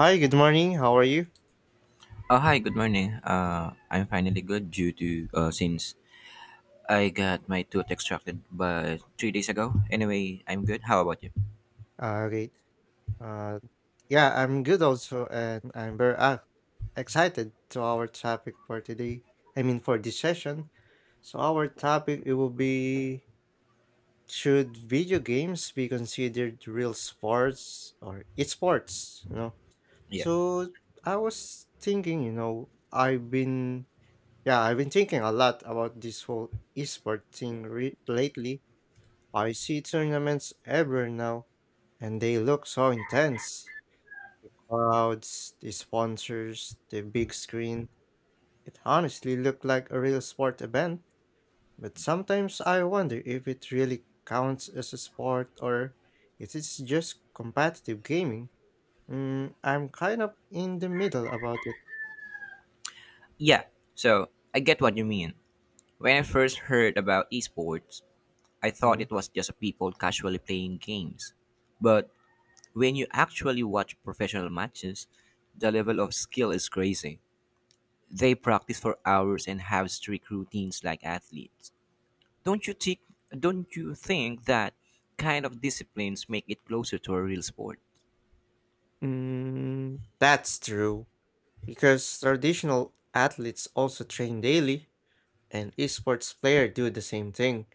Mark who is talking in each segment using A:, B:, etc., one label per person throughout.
A: Hi, good morning. How are you?
B: Oh, hi, good morning. I'm finally good due to since I got my tooth extracted but 3 days ago. Anyway, I'm good. How about you?
A: Great. Uh, yeah, I'm good also, and I'm very excited to our topic for today. I mean, for this session. So our topic it will be should video games be considered real sports or esports? You know.
B: Yeah.
A: So I was thinking, you know, I've been thinking a lot about this whole esport thing lately. I see tournaments everywhere now, and they look so intense. Crowds, the sponsors, the big screen. It honestly looked like a real sport event, but sometimes I wonder if it really counts as a sport or it is just competitive gaming. I'm kind of in the middle about it.
B: Yeah, so I get what you mean. When I first heard about esports, I thought
A: Mm.
B: it was just people casually playing games. But when you actually watch professional matches, the level of skill is crazy. They practice for hours and have strict routines like athletes. Don't you think don't you think that kind of disciplines make it closer to a real sport?
A: That's true, because traditional athletes also train daily, and esports players do the same thing.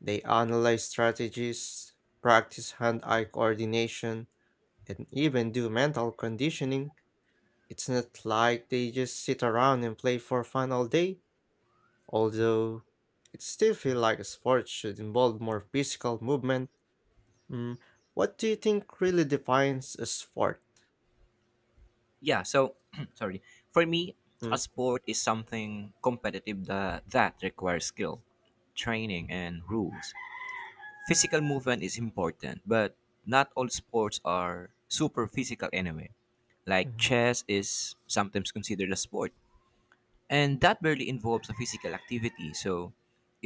A: They analyze strategies, practice hand eye coordination, and even do mental conditioning. It's not like they just sit around and play for fun all day, although it still feels like a sport should involve more physical movement. Mm, what do you think really defines a sport?
B: Yeah, so sorry. For me,
A: Mm.
B: a sport is something competitive that requires skill, training and rules. Physical movement is important, but not all sports are super physical anyway. Like
A: Hmm.
B: chess is sometimes considered a sport. And that barely involves a physical activity, so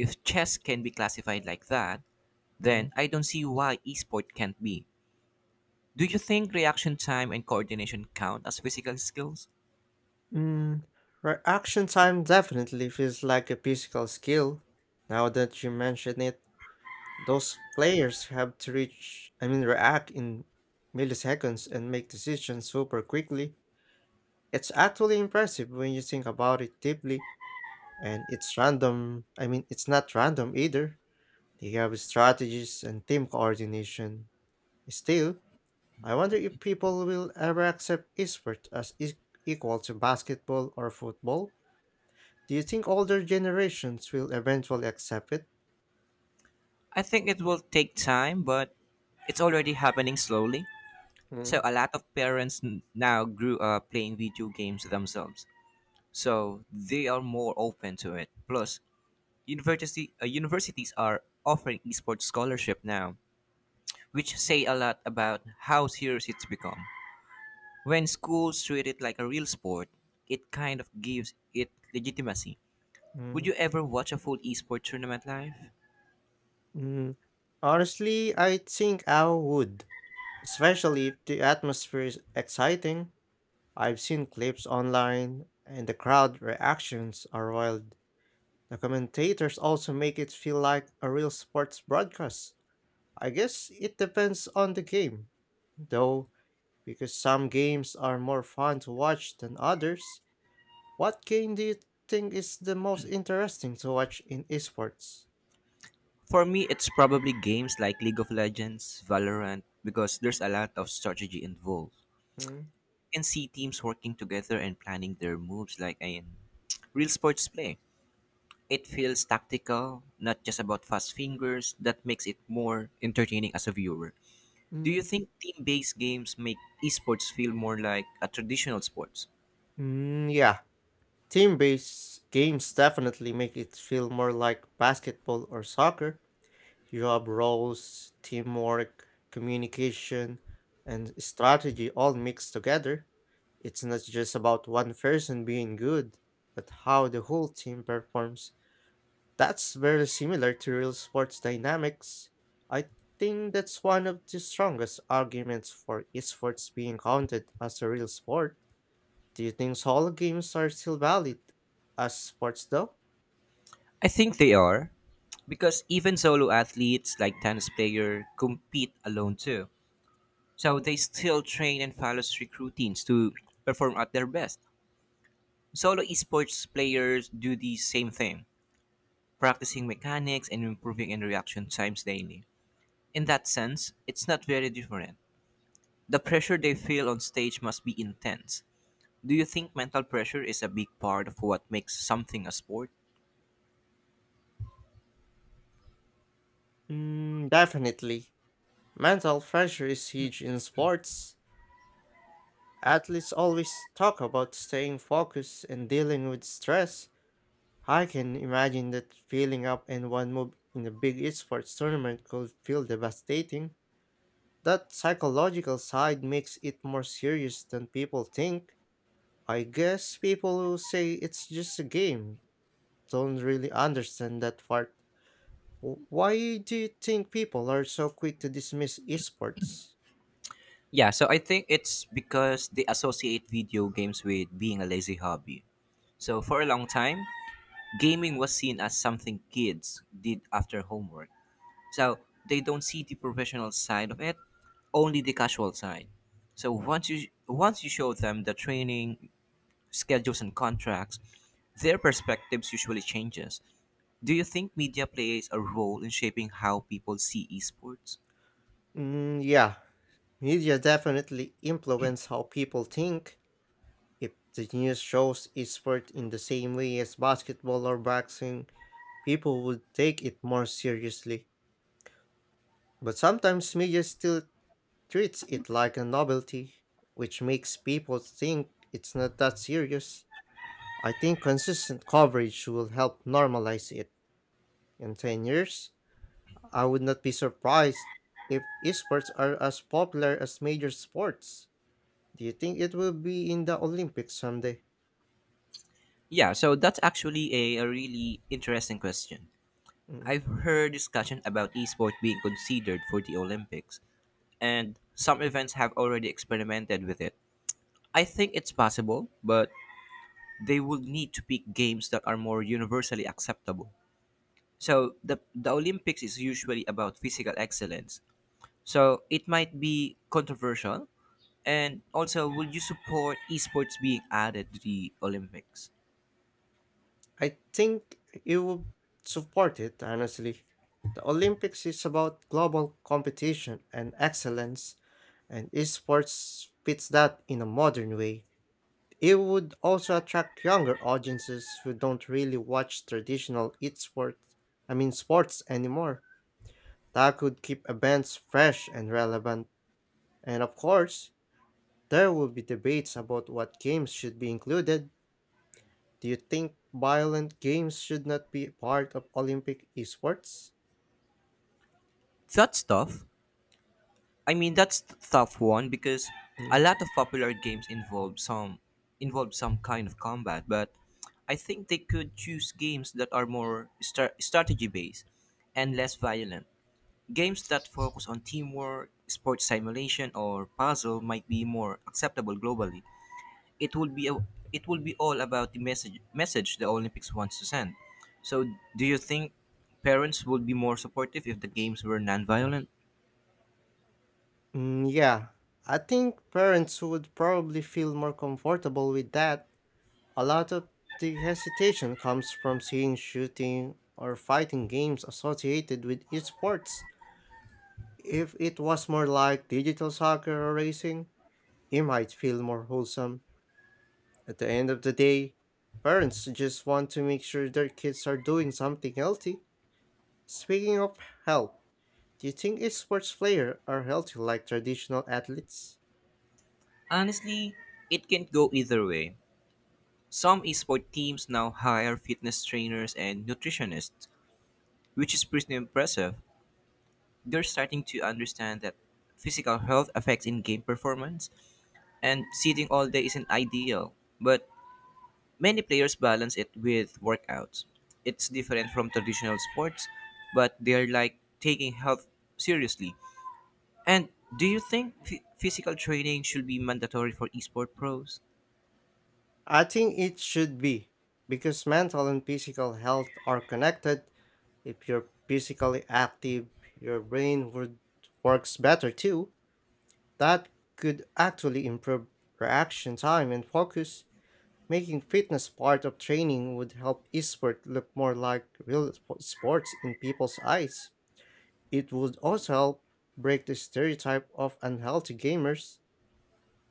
B: if chess can be classified like that,
A: Hmm.
B: then I don't see why esport can't be. Do you think reaction time and coordination count as physical skills?
A: mm, Reaction time definitely feels like a physical skill, now that you mention it. Those players have to react in milliseconds and make decisions super quickly. It's actually impressive when you think about it deeply, and it's not random either. They have strategies and team coordination. Still, I wonder if people will ever accept esports as equal to basketball or football. Do you think older generations will eventually accept it?
B: I think it will take time, but it's already happening slowly. So
A: Mm.
B: a lot of parents now grew up playing video games themselves. So they are more open to it. Plus, university universities are offering esports scholarship now, which say a lot about how serious it's become. When schools treat it like a real sport, it kind of gives it legitimacy. Would
A: Mm.
B: you ever watch a full esports tournament live?
A: Mm. Honestly, I think I would, especially if the atmosphere is exciting. I've seen clips online, and the crowd reactions are wild. The commentators also make it feel like a real sports broadcast. I guess it depends on the game, though, because some games are more fun to watch than others. What game do you think is the most interesting to watch in esports?
B: For me, it's probably games like League of Legends, Valorant, because there's a lot of strategy involved.
A: Mm.
B: You can see teams working together and planning their moves like in real sports play. It feels tactical, not just about fast fingers, that makes it more entertaining as a viewer. Do you
A: mm,
B: think team-based games make esports feel more like a traditional sports?
A: mm, yeah, team based games definitely make it feel more like basketball or soccer. You have roles, teamwork, communication, and strategy all mixed together. It's not just about one person being good, but how the whole team performs. That's very similar to real sports dynamics. I think that's one of the strongest arguments for esports being counted as a real sport. Do you think solo games are still valid as sports though?
B: I think they are, because even solo athletes like tennis player compete alone too. So they still train and follow strict routines to perform at their best. Solo esports players do the same thing, practicing mechanics and improving in reaction times daily. In that sense, it's not very different. The pressure they feel on stage must be intense. Do you think mental pressure is a big part of what makes something a sport?
A: Definitely. Mental pressure is huge in sports. Athletes always talk about staying focused and dealing with stress. I can imagine that feeling up in one move in a big esports tournament could feel devastating. That psychological side makes it more serious than people think. I guess people who say it's just a game don't really understand that part. Why do you think people are so quick to dismiss esports?
B: Yeah, so I think it's because they associate video games with being a lazy hobby. So for a long time, gaming was seen as something kids did after homework. So they don't see the professional side of it, only the casual side. So once you show them the training, schedules and contracts, their perspectives usually changes. Do you think media plays a role in shaping how people see esports?
A: Yeah, media definitely influence how people think. If the news shows esports in the same way as basketball or boxing, people would take it more seriously. But sometimes media still treats it like a novelty, which makes people think it's not that serious. I think consistent coverage will help normalize it. In 10 years, I would not be surprised if esports are as popular as major sports. Do you think it will be in the Olympics someday?
B: Yeah, so that's actually a really interesting question.
A: Mm,
B: I've heard discussion about esports being considered for the Olympics, and some events have already experimented with it. I think it's possible, but they would need to pick games that are more universally acceptable. So the Olympics is usually about physical excellence, so it might be controversial. And also, would you support esports being added to the Olympics?
A: I think it will support it, honestly. The Olympics is about global competition and excellence, and esports fits that in a modern way. It would also attract younger audiences who don't really watch traditional esports, I mean sports anymore. That could keep events fresh and relevant. And of course, there will be debates about what games should be included. Do you think violent games should not be part of Olympic esports?
B: That's tough. I mean, that's a tough one because a
A: Mm.
B: lot of popular games involve some kind of combat. But I think they could choose games that are more strategy based and less violent. Games that focus on teamwork, sports simulation, or puzzle might be more acceptable globally. It it would be all about the message the Olympics wants to send. So, do you think parents would be more supportive if the games were non-violent?
A: Yeah, I think parents would probably feel more comfortable with that. A lot of the hesitation comes from seeing shooting or fighting games associated with esports. If it was more like digital soccer or racing, it might feel more wholesome. At the end of the day, parents just want to make sure their kids are doing something healthy. Speaking of health, do you think sports players are healthy like traditional athletes?
B: Honestly, it can go either way. Some esport teams now hire fitness trainers and nutritionists, which is pretty impressive. They're starting to understand that physical health affects in game performance, and sitting all day isn't ideal. But many players balance it with workouts. It's different from traditional sports, but they're like taking health seriously. And do you think physical training should be mandatory for esport pros?
A: I think it should be, because mental and physical health are connected. If you're physically active, your brain would works better too. That could actually improve reaction time and focus. Making fitness part of training would help esport look more like real sports in people's eyes. It would also help break the stereotype of unhealthy gamers.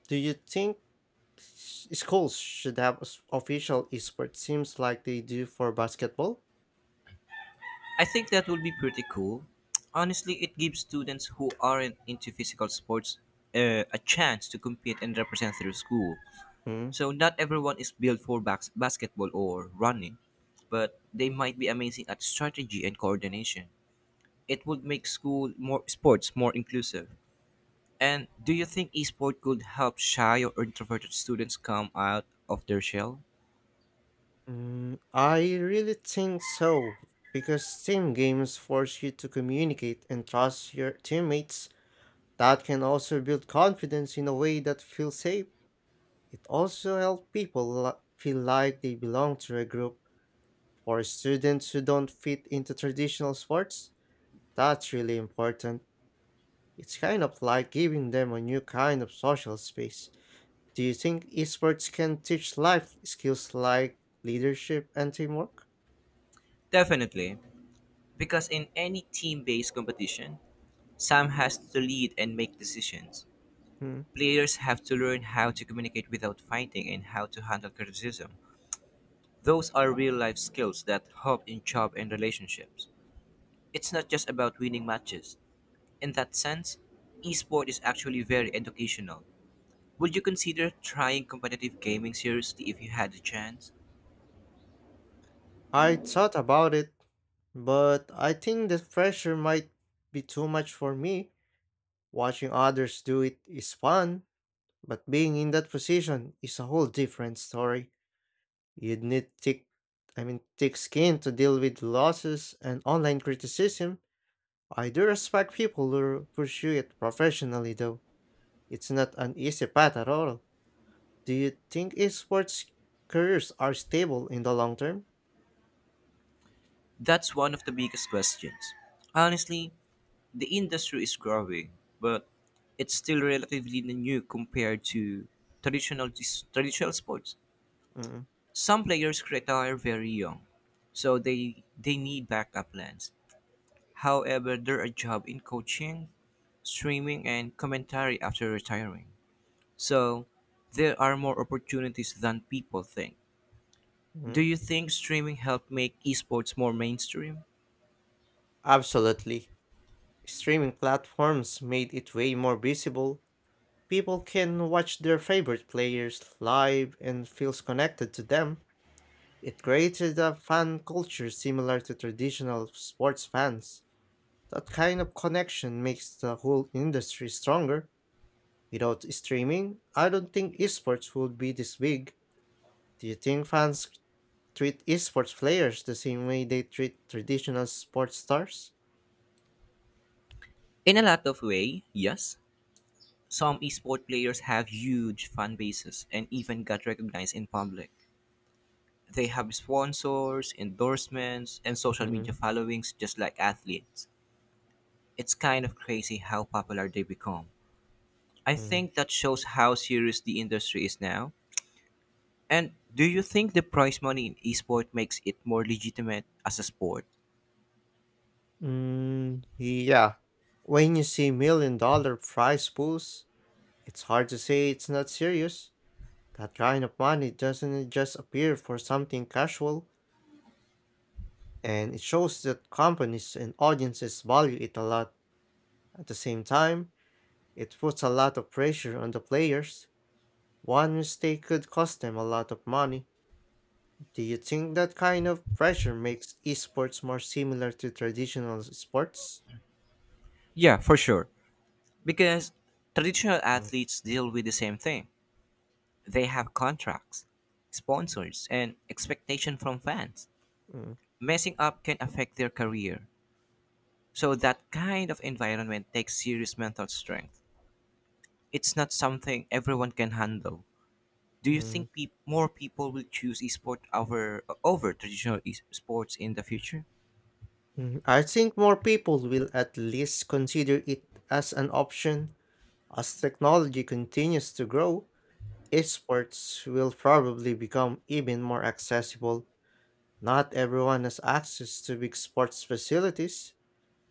A: Do you think schools should have official esports teams like they do for basketball?
B: I think that would be pretty cool. Honestly, it gives students who aren't into physical sports a chance to compete and represent their school.
A: Hmm.
B: So not everyone is built for basketball or running, but they might be amazing at strategy and coordination. It would make school more sports more inclusive. And do you think esport could help shy or introverted students come out of their shell?
A: I really think so, because team games force you to communicate and trust your teammates. That can also build confidence in a way that feels safe. It also helps people feel like they belong to a group. For students who don't fit into traditional sports, that's really important. It's kind of like giving them a new kind of social space. Do you think esports can teach life skills like leadership and teamwork?
B: Definitely, because in any team-based competition, Sam has to lead and make decisions.
A: Hmm.
B: Players have to learn how to communicate without fighting and how to handle criticism. Those are real-life skills that help in job and relationships. It's not just about winning matches. In that sense, esport is actually very educational. Would you consider trying competitive gaming seriously if you had the chance?
A: I thought about it, but I think the pressure might be too much for me. Watching others do it is fun, but being in that position is a whole different story. You'd need thick skin to deal with losses and online criticism. I do respect people who pursue it professionally, though. It's not an easy path at all. Do you think esports careers are stable in the long term?
B: That's one of the biggest questions. Honestly, the industry is growing, but it's still relatively new compared to traditional traditional sports.
A: Mm.
B: Some players retire very young, so they need backup plans. However, there are jobs in coaching, streaming, and commentary after retiring, so there are more opportunities than people think. Do
A: Mm.
B: you think streaming helped make esports more mainstream?
A: Absolutely. Streaming platforms made it way more visible. People can watch their favorite players live and feels connected to them. It created a fan culture similar to traditional sports fans. That kind of connection makes the whole industry stronger. Without streaming, I don't think esports would be this big. Do you think fans treat esports players the same way they treat traditional sports stars?
B: In a lot of way, yes. Some esports players have huge fan bases and even got recognized in public. They have sponsors, endorsements, and social
A: Mm,
B: media followings just like athletes. It's kind of crazy how popular they become. I
A: mm,
B: think that shows how serious the industry is now. And do you think the prize money in esports makes it more legitimate as a sport?
A: yeah. When you see million dollar prize pools, it's hard to say it's not serious. That kind of money doesn't just appear for something casual, and it shows that companies and audiences value it a lot. At the same time, it puts a lot of pressure on the players. One mistake could cost them a lot of money. Do you think that kind of pressure makes esports more similar to traditional sports?
B: Yeah, for sure. Because traditional
A: Mm,
B: athletes deal with the same thing. They have contracts, sponsors, and expectation from fans.
A: mm,
B: Messing up can affect their career. So that kind of environment takes serious mental strength. It's not something everyone can handle. Do you
A: mm,
B: think peop more people will choose esport over traditional sports in the future?
A: mm. I think more people will at least consider it as an option. As technology continues to grow, esports will probably become even more accessible. Not everyone has access to big sports facilities,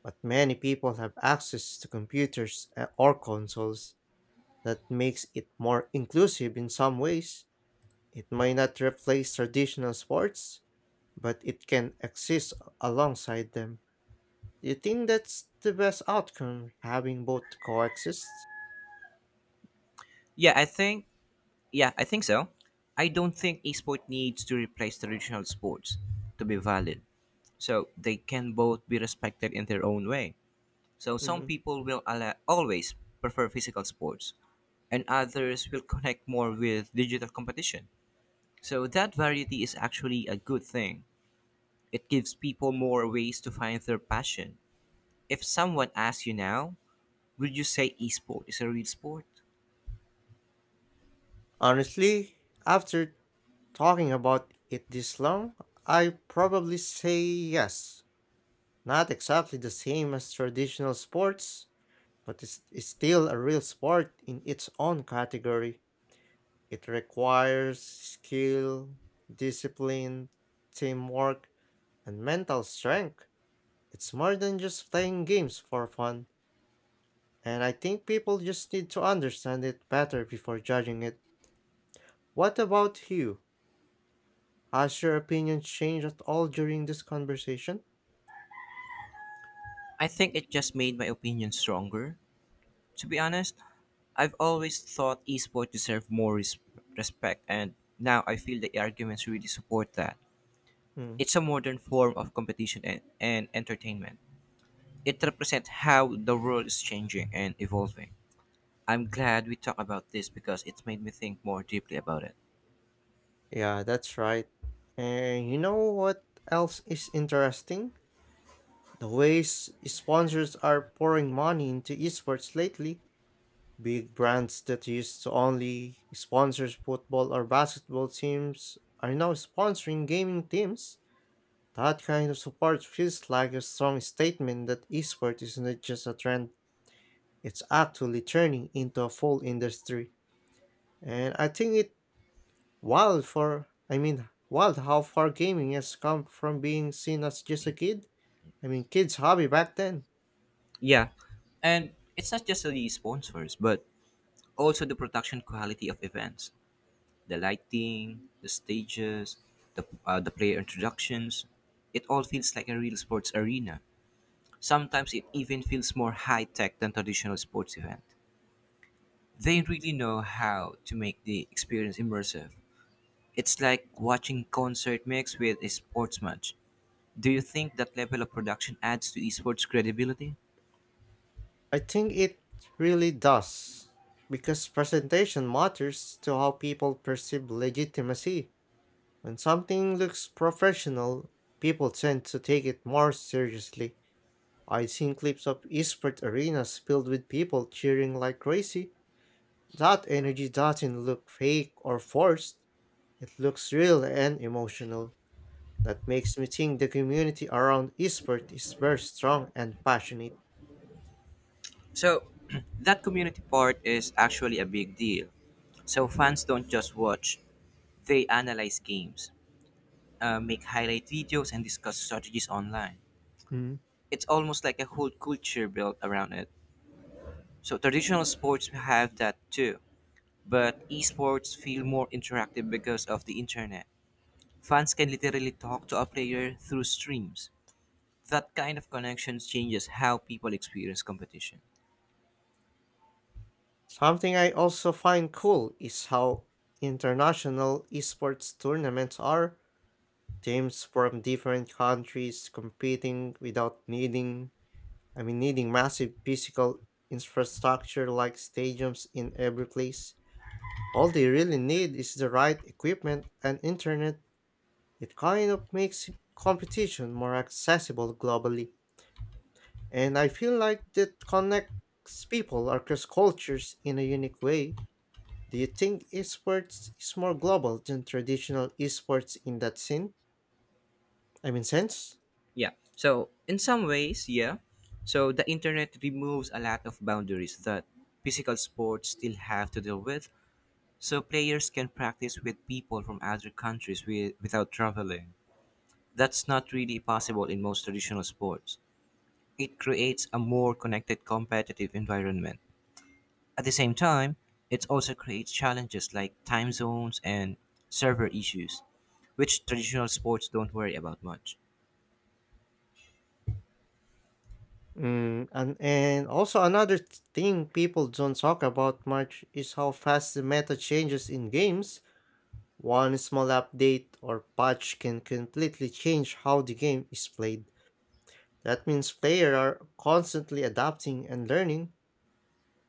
A: but many people have access to computers or consoles. That makes it more inclusive in some ways. It may not replace traditional sports, but it can exist alongside them. Do you think that's the best outcome, having both coexist?
B: Yeah, I think yeah, I think so. I don't think esport needs to replace traditional sports to be valid. So they can both be respected in their own way. So some
A: Mm.
B: people will always prefer physical sports, and others will connect more with digital competition. So that variety is actually a good thing. It gives people more ways to find their passion. If someone asks you now, would you say esport is a real sport?
A: Honestly, after talking about it this long, I probably say yes. Not exactly the same as traditional sports, but it's still a real sport in its own category. It requires skill, discipline, teamwork, and mental strength. It's more than just playing games for fun, and I think people just need to understand it better before judging it. What about you? Has your opinion changed at all during this conversation?
B: I think it just made my opinion stronger. To be honest, I've always thought esport deserve more respect, and now I feel the arguments really support that.
A: Hmm.
B: It's a modern form of competition and entertainment. It represents how the world is changing and evolving. I'm glad we talked about this because it's made me think more deeply about it.
A: Yeah, that's right. And you know what else is interesting? The ways sponsors are pouring money into esports lately. Big brands that used to only sponsor football or basketball teams are now sponsoring gaming teams. That kind of support feels like a strong statement that esport is not just a trend, it's actually turning into a full industry. And I think it wild for I mean wild how far gaming has come from being seen as just a kids' hobby back then.
B: Yeah, and it's not just the sponsors, but also the production quality of events, the lighting, the stages, the player introductions. It all feels like a real sports arena. Sometimes it even feels more high tech than traditional sports event. They really know how to make the experience immersive. It's like watching concert mixed with a sports match. Do you think that level of production adds to esports credibility?
A: I think it really does, because presentation matters to how people perceive legitimacy. When something looks professional, people tend to take it more seriously. I'd seen clips of esports arenas filled with people cheering like crazy. That energy doesn't look fake or forced, it looks real and emotional. That makes me think the community around esports is very strong and passionate.
B: So, that community part is actually a big deal. So fans don't just watch; they analyze games, make highlight videos, and discuss strategies online.
A: Mm.
B: It's almost like a whole culture built around it. So traditional sports have that too, but esports feel more interactive because of the internet. Fans can literally talk to a player through streams. That kind of connection changes how people experience competition.
A: Something I also find cool is how international esports tournaments are. Teams from different countries competing without needing massive physical infrastructure like stadiums in every place. All they really need is the right equipment and internet. It kind of makes competition more accessible globally. And I feel like that connects people across cultures in a unique way. Do you think esports is more global than traditional esports in that sense?
B: Yeah. So, in some ways, yeah. So, the internet removes a lot of boundaries that physical sports still have to deal with. So, players can practice with people from other countries without traveling. That's not really possible in most traditional sports. It creates a more connected competitive environment. At the same time, it also creates challenges like time zones and server issues, which traditional sports don't worry about much.
A: And also another thing people don't talk about much is how fast the meta changes in games. One small update or patch can completely change how the game is played. That means players are constantly adapting and learning.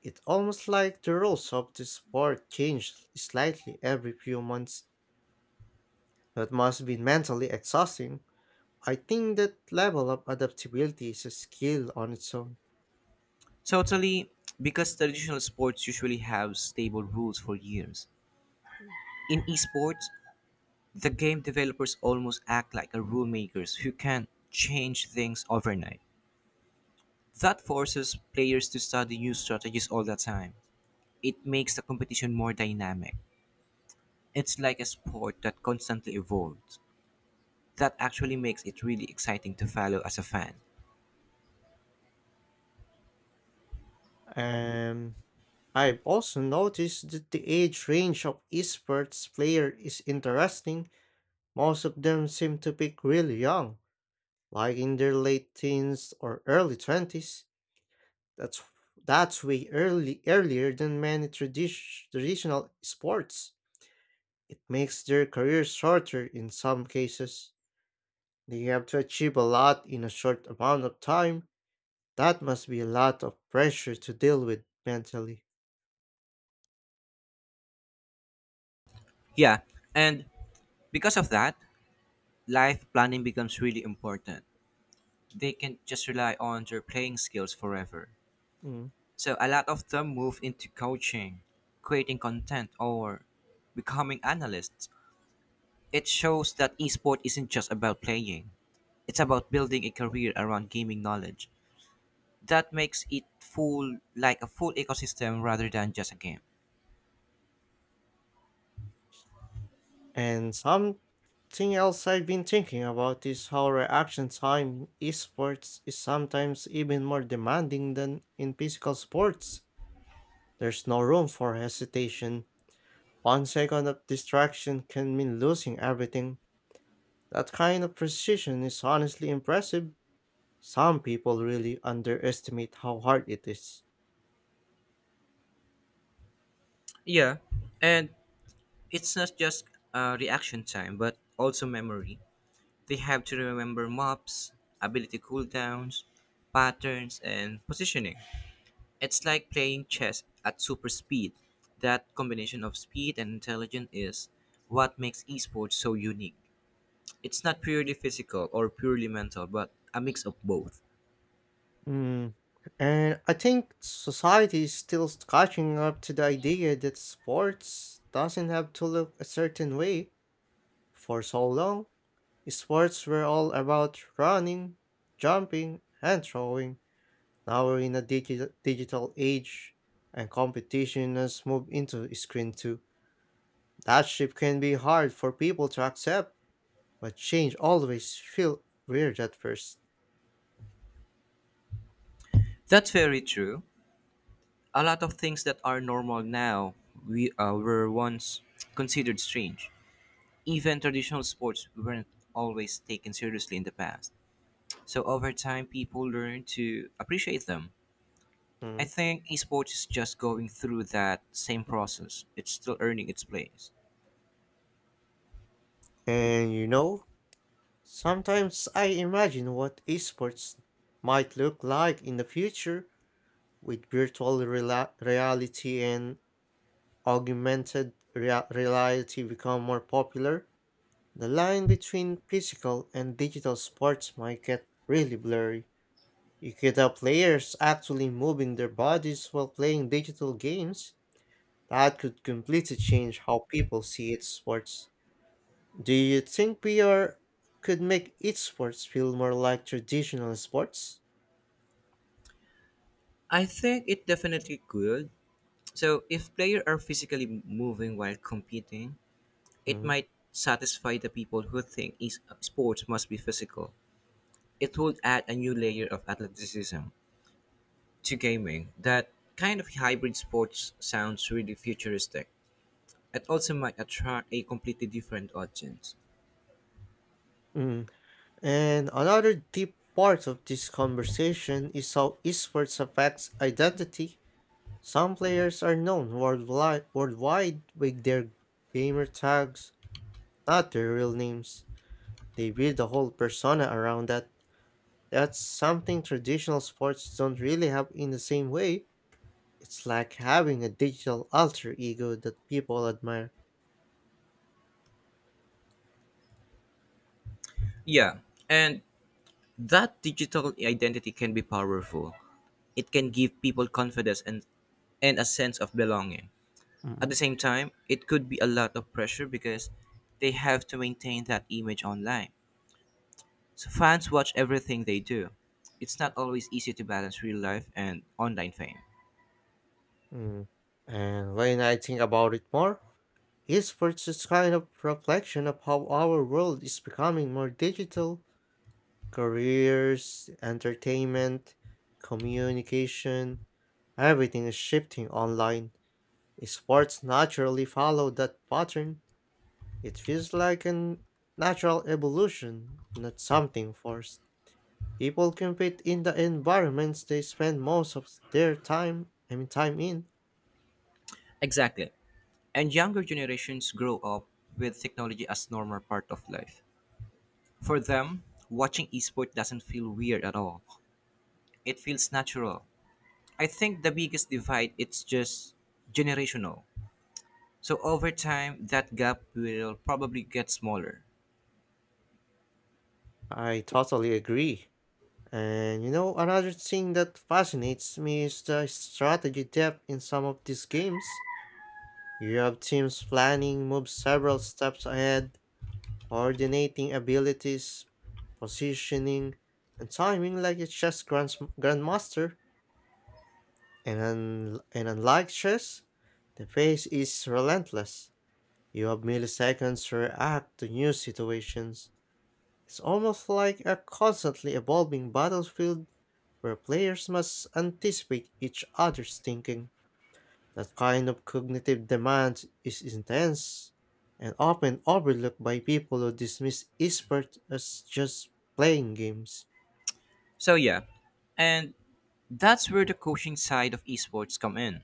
A: It's almost like the rules of the sport change slightly every few months. That must be mentally exhausting. I think that level of adaptability is a skill on its own.
B: Totally, because traditional sports usually have stable rules for years. In esports, the game developers almost act like a rule makers who can change things overnight. That forces players to study new strategies all the time. It makes the competition more dynamic. It's like a sport that constantly evolves. That actually makes it really exciting to follow as a fan.
A: Mm. I've also noticed that the age range of esports player is interesting. Most of them seem to pick really young, like in their late teens or early 20s. That's that's way early earlier than many traditional sports. It makes their careers shorter in some cases. They have to achieve a lot in a short amount of time. That must be a lot of pressure to deal with mentally.
B: Yeah, and because of that, life planning becomes really important. They can not just rely on their playing skills forever.
A: Mm.
B: So a lot of them move into coaching, creating content, or becoming analysts. It shows that esport isn't just about playing. It's about building a career around gaming knowledge. That makes it full like a full ecosystem rather than just a game.
A: And something else I've been thinking about is how reaction time in esports is sometimes even more demanding than in physical sports. There's no room for hesitation. 1 second of distraction can mean losing everything. That kind of precision is honestly impressive. Some people really underestimate how hard it is.
B: Yeah, and it's not just reaction time, but also memory. They have to remember mobs, ability cooldowns, patterns, and positioning. It's like playing chess at super speed. That combination of speed and intelligence is what makes esports so unique. It's not purely physical or purely mental, but a mix of both.
A: Mm. And I think society is still catching up to the idea that sports doesn't have to look a certain way. For so long, sports were all about running, jumping, and throwing. Now we're in a digital age, and competition has moved into screen too. That shift can be hard for people to accept. But change always feel weird at first.
B: That's very true. A lot of things that are normal now we were once considered strange. Even traditional sports weren't always taken seriously in the past. So over time, people learn to appreciate them. I
A: Mm.
B: think esports is just going through that same process. It's still earning its place.
A: And you know, sometimes I imagine what esports might look like in the future, with virtual reality and augmented reality become more popular, the line between physical and digital sports might get really blurry. You could have players actually moving their bodies while playing digital games. That could completely change how people see esports. Do you think PR could make esports feel more like traditional sports?
B: I think it definitely could. So if players are physically moving while competing, it
A: Mhm.
B: might satisfy the people who think sports must be physical. It would add a new layer of athleticism to gaming. That kind of hybrid sports sounds really futuristic. It also might attract a completely different audience.
A: Mm. And another deep part of this conversation is how esports affects identity. Some players are known worldwide with their gamer tags, not their real names. They build a whole persona around that. That's something traditional sports don't really have in the same way. It's like having a digital alter ego that people admire.
B: Yeah, and that digital identity can be powerful. It can give people confidence and a sense of belonging. At
A: Mm,
B: the same time, it could be a lot of pressure because they have to maintain that image online. So fans watch everything they do. It's not always easy to balance real life and online fame.
A: mm. And when I think about it more, esports is kind of reflection of how our world is becoming more digital. Careers, entertainment, communication, everything is shifting online. Sports naturally follow that pattern. It feels like a natural evolution, not something forced. People compete in the environments they spend most of their time in.
B: Exactly. And younger generations grow up with technology as normal part of life. For them, watching esports doesn't feel weird at all. It feels natural. I think the biggest divide it's just generational. So over time that gap will probably get smaller.
A: I totally agree. And you know, another thing that fascinates me is the strategy depth in some of these games. You have teams planning moves several steps ahead, coordinating abilities, positioning, and timing like a grandmaster. And, unlike chess, the pace is relentless. You have milliseconds to react to new situations. It's almost like a constantly evolving battlefield where players must anticipate each other's thinking. That kind of cognitive demand is intense and often overlooked by people who dismiss esports as just playing games.
B: So yeah. And that's where the coaching side of esports come in.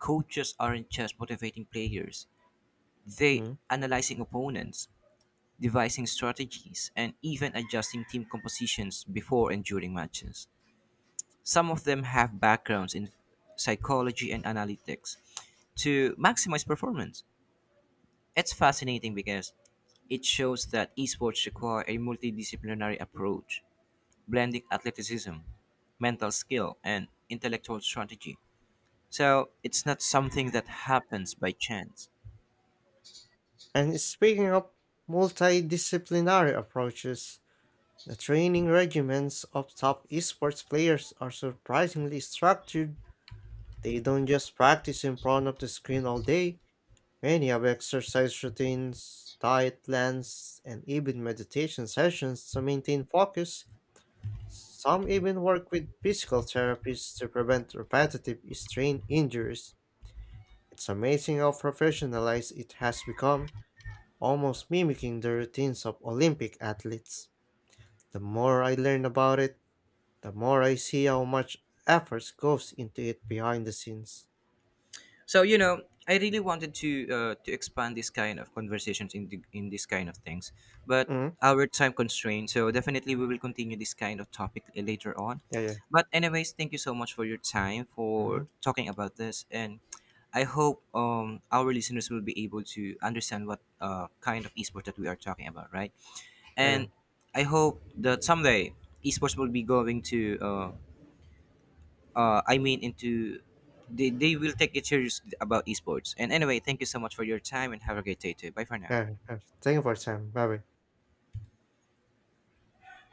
B: Coaches aren't just motivating players. They
A: Mm.
B: analyzing opponents, devising strategies, and even adjusting team compositions before and during matches. Some of them have backgrounds in psychology and analytics to maximize performance. It's fascinating because it shows that esports require a multidisciplinary approach, blending athleticism, mental skill, and intellectual strategy. So it's not something that happens by chance.
A: And speaking of multidisciplinary approaches, the training regimens of top esports players are surprisingly structured. They don't just practice in front of the screen all day. Many have exercise routines, diet plans, and even meditation sessions to maintain focus. Some even work with physical therapists to prevent repetitive strain injuries. It's amazing how professionalized it has become, almost mimicking the routines of Olympic athletes. The more I learn about it, the more I see how much effort goes into it behind the scenes.
B: So I really wanted to to expand this kind of conversations in this kind of things, but
A: Mm,
B: our time constraint. So definitely we will continue this kind of topic later on.
A: yeah, yeah.
B: But anyways, thank you so much for your time for
A: Mm,
B: talking about this, and I hope our listeners will be able to understand what kind of esports that we are talking about, right?
A: yeah, yeah.
B: And I hope that someday esports will be going to I mean into they will take it serious about esports. And anyway, thank you so much for your time and have a great day too. Bye for now.
A: Yeah. Thank you for your time. Bye bye.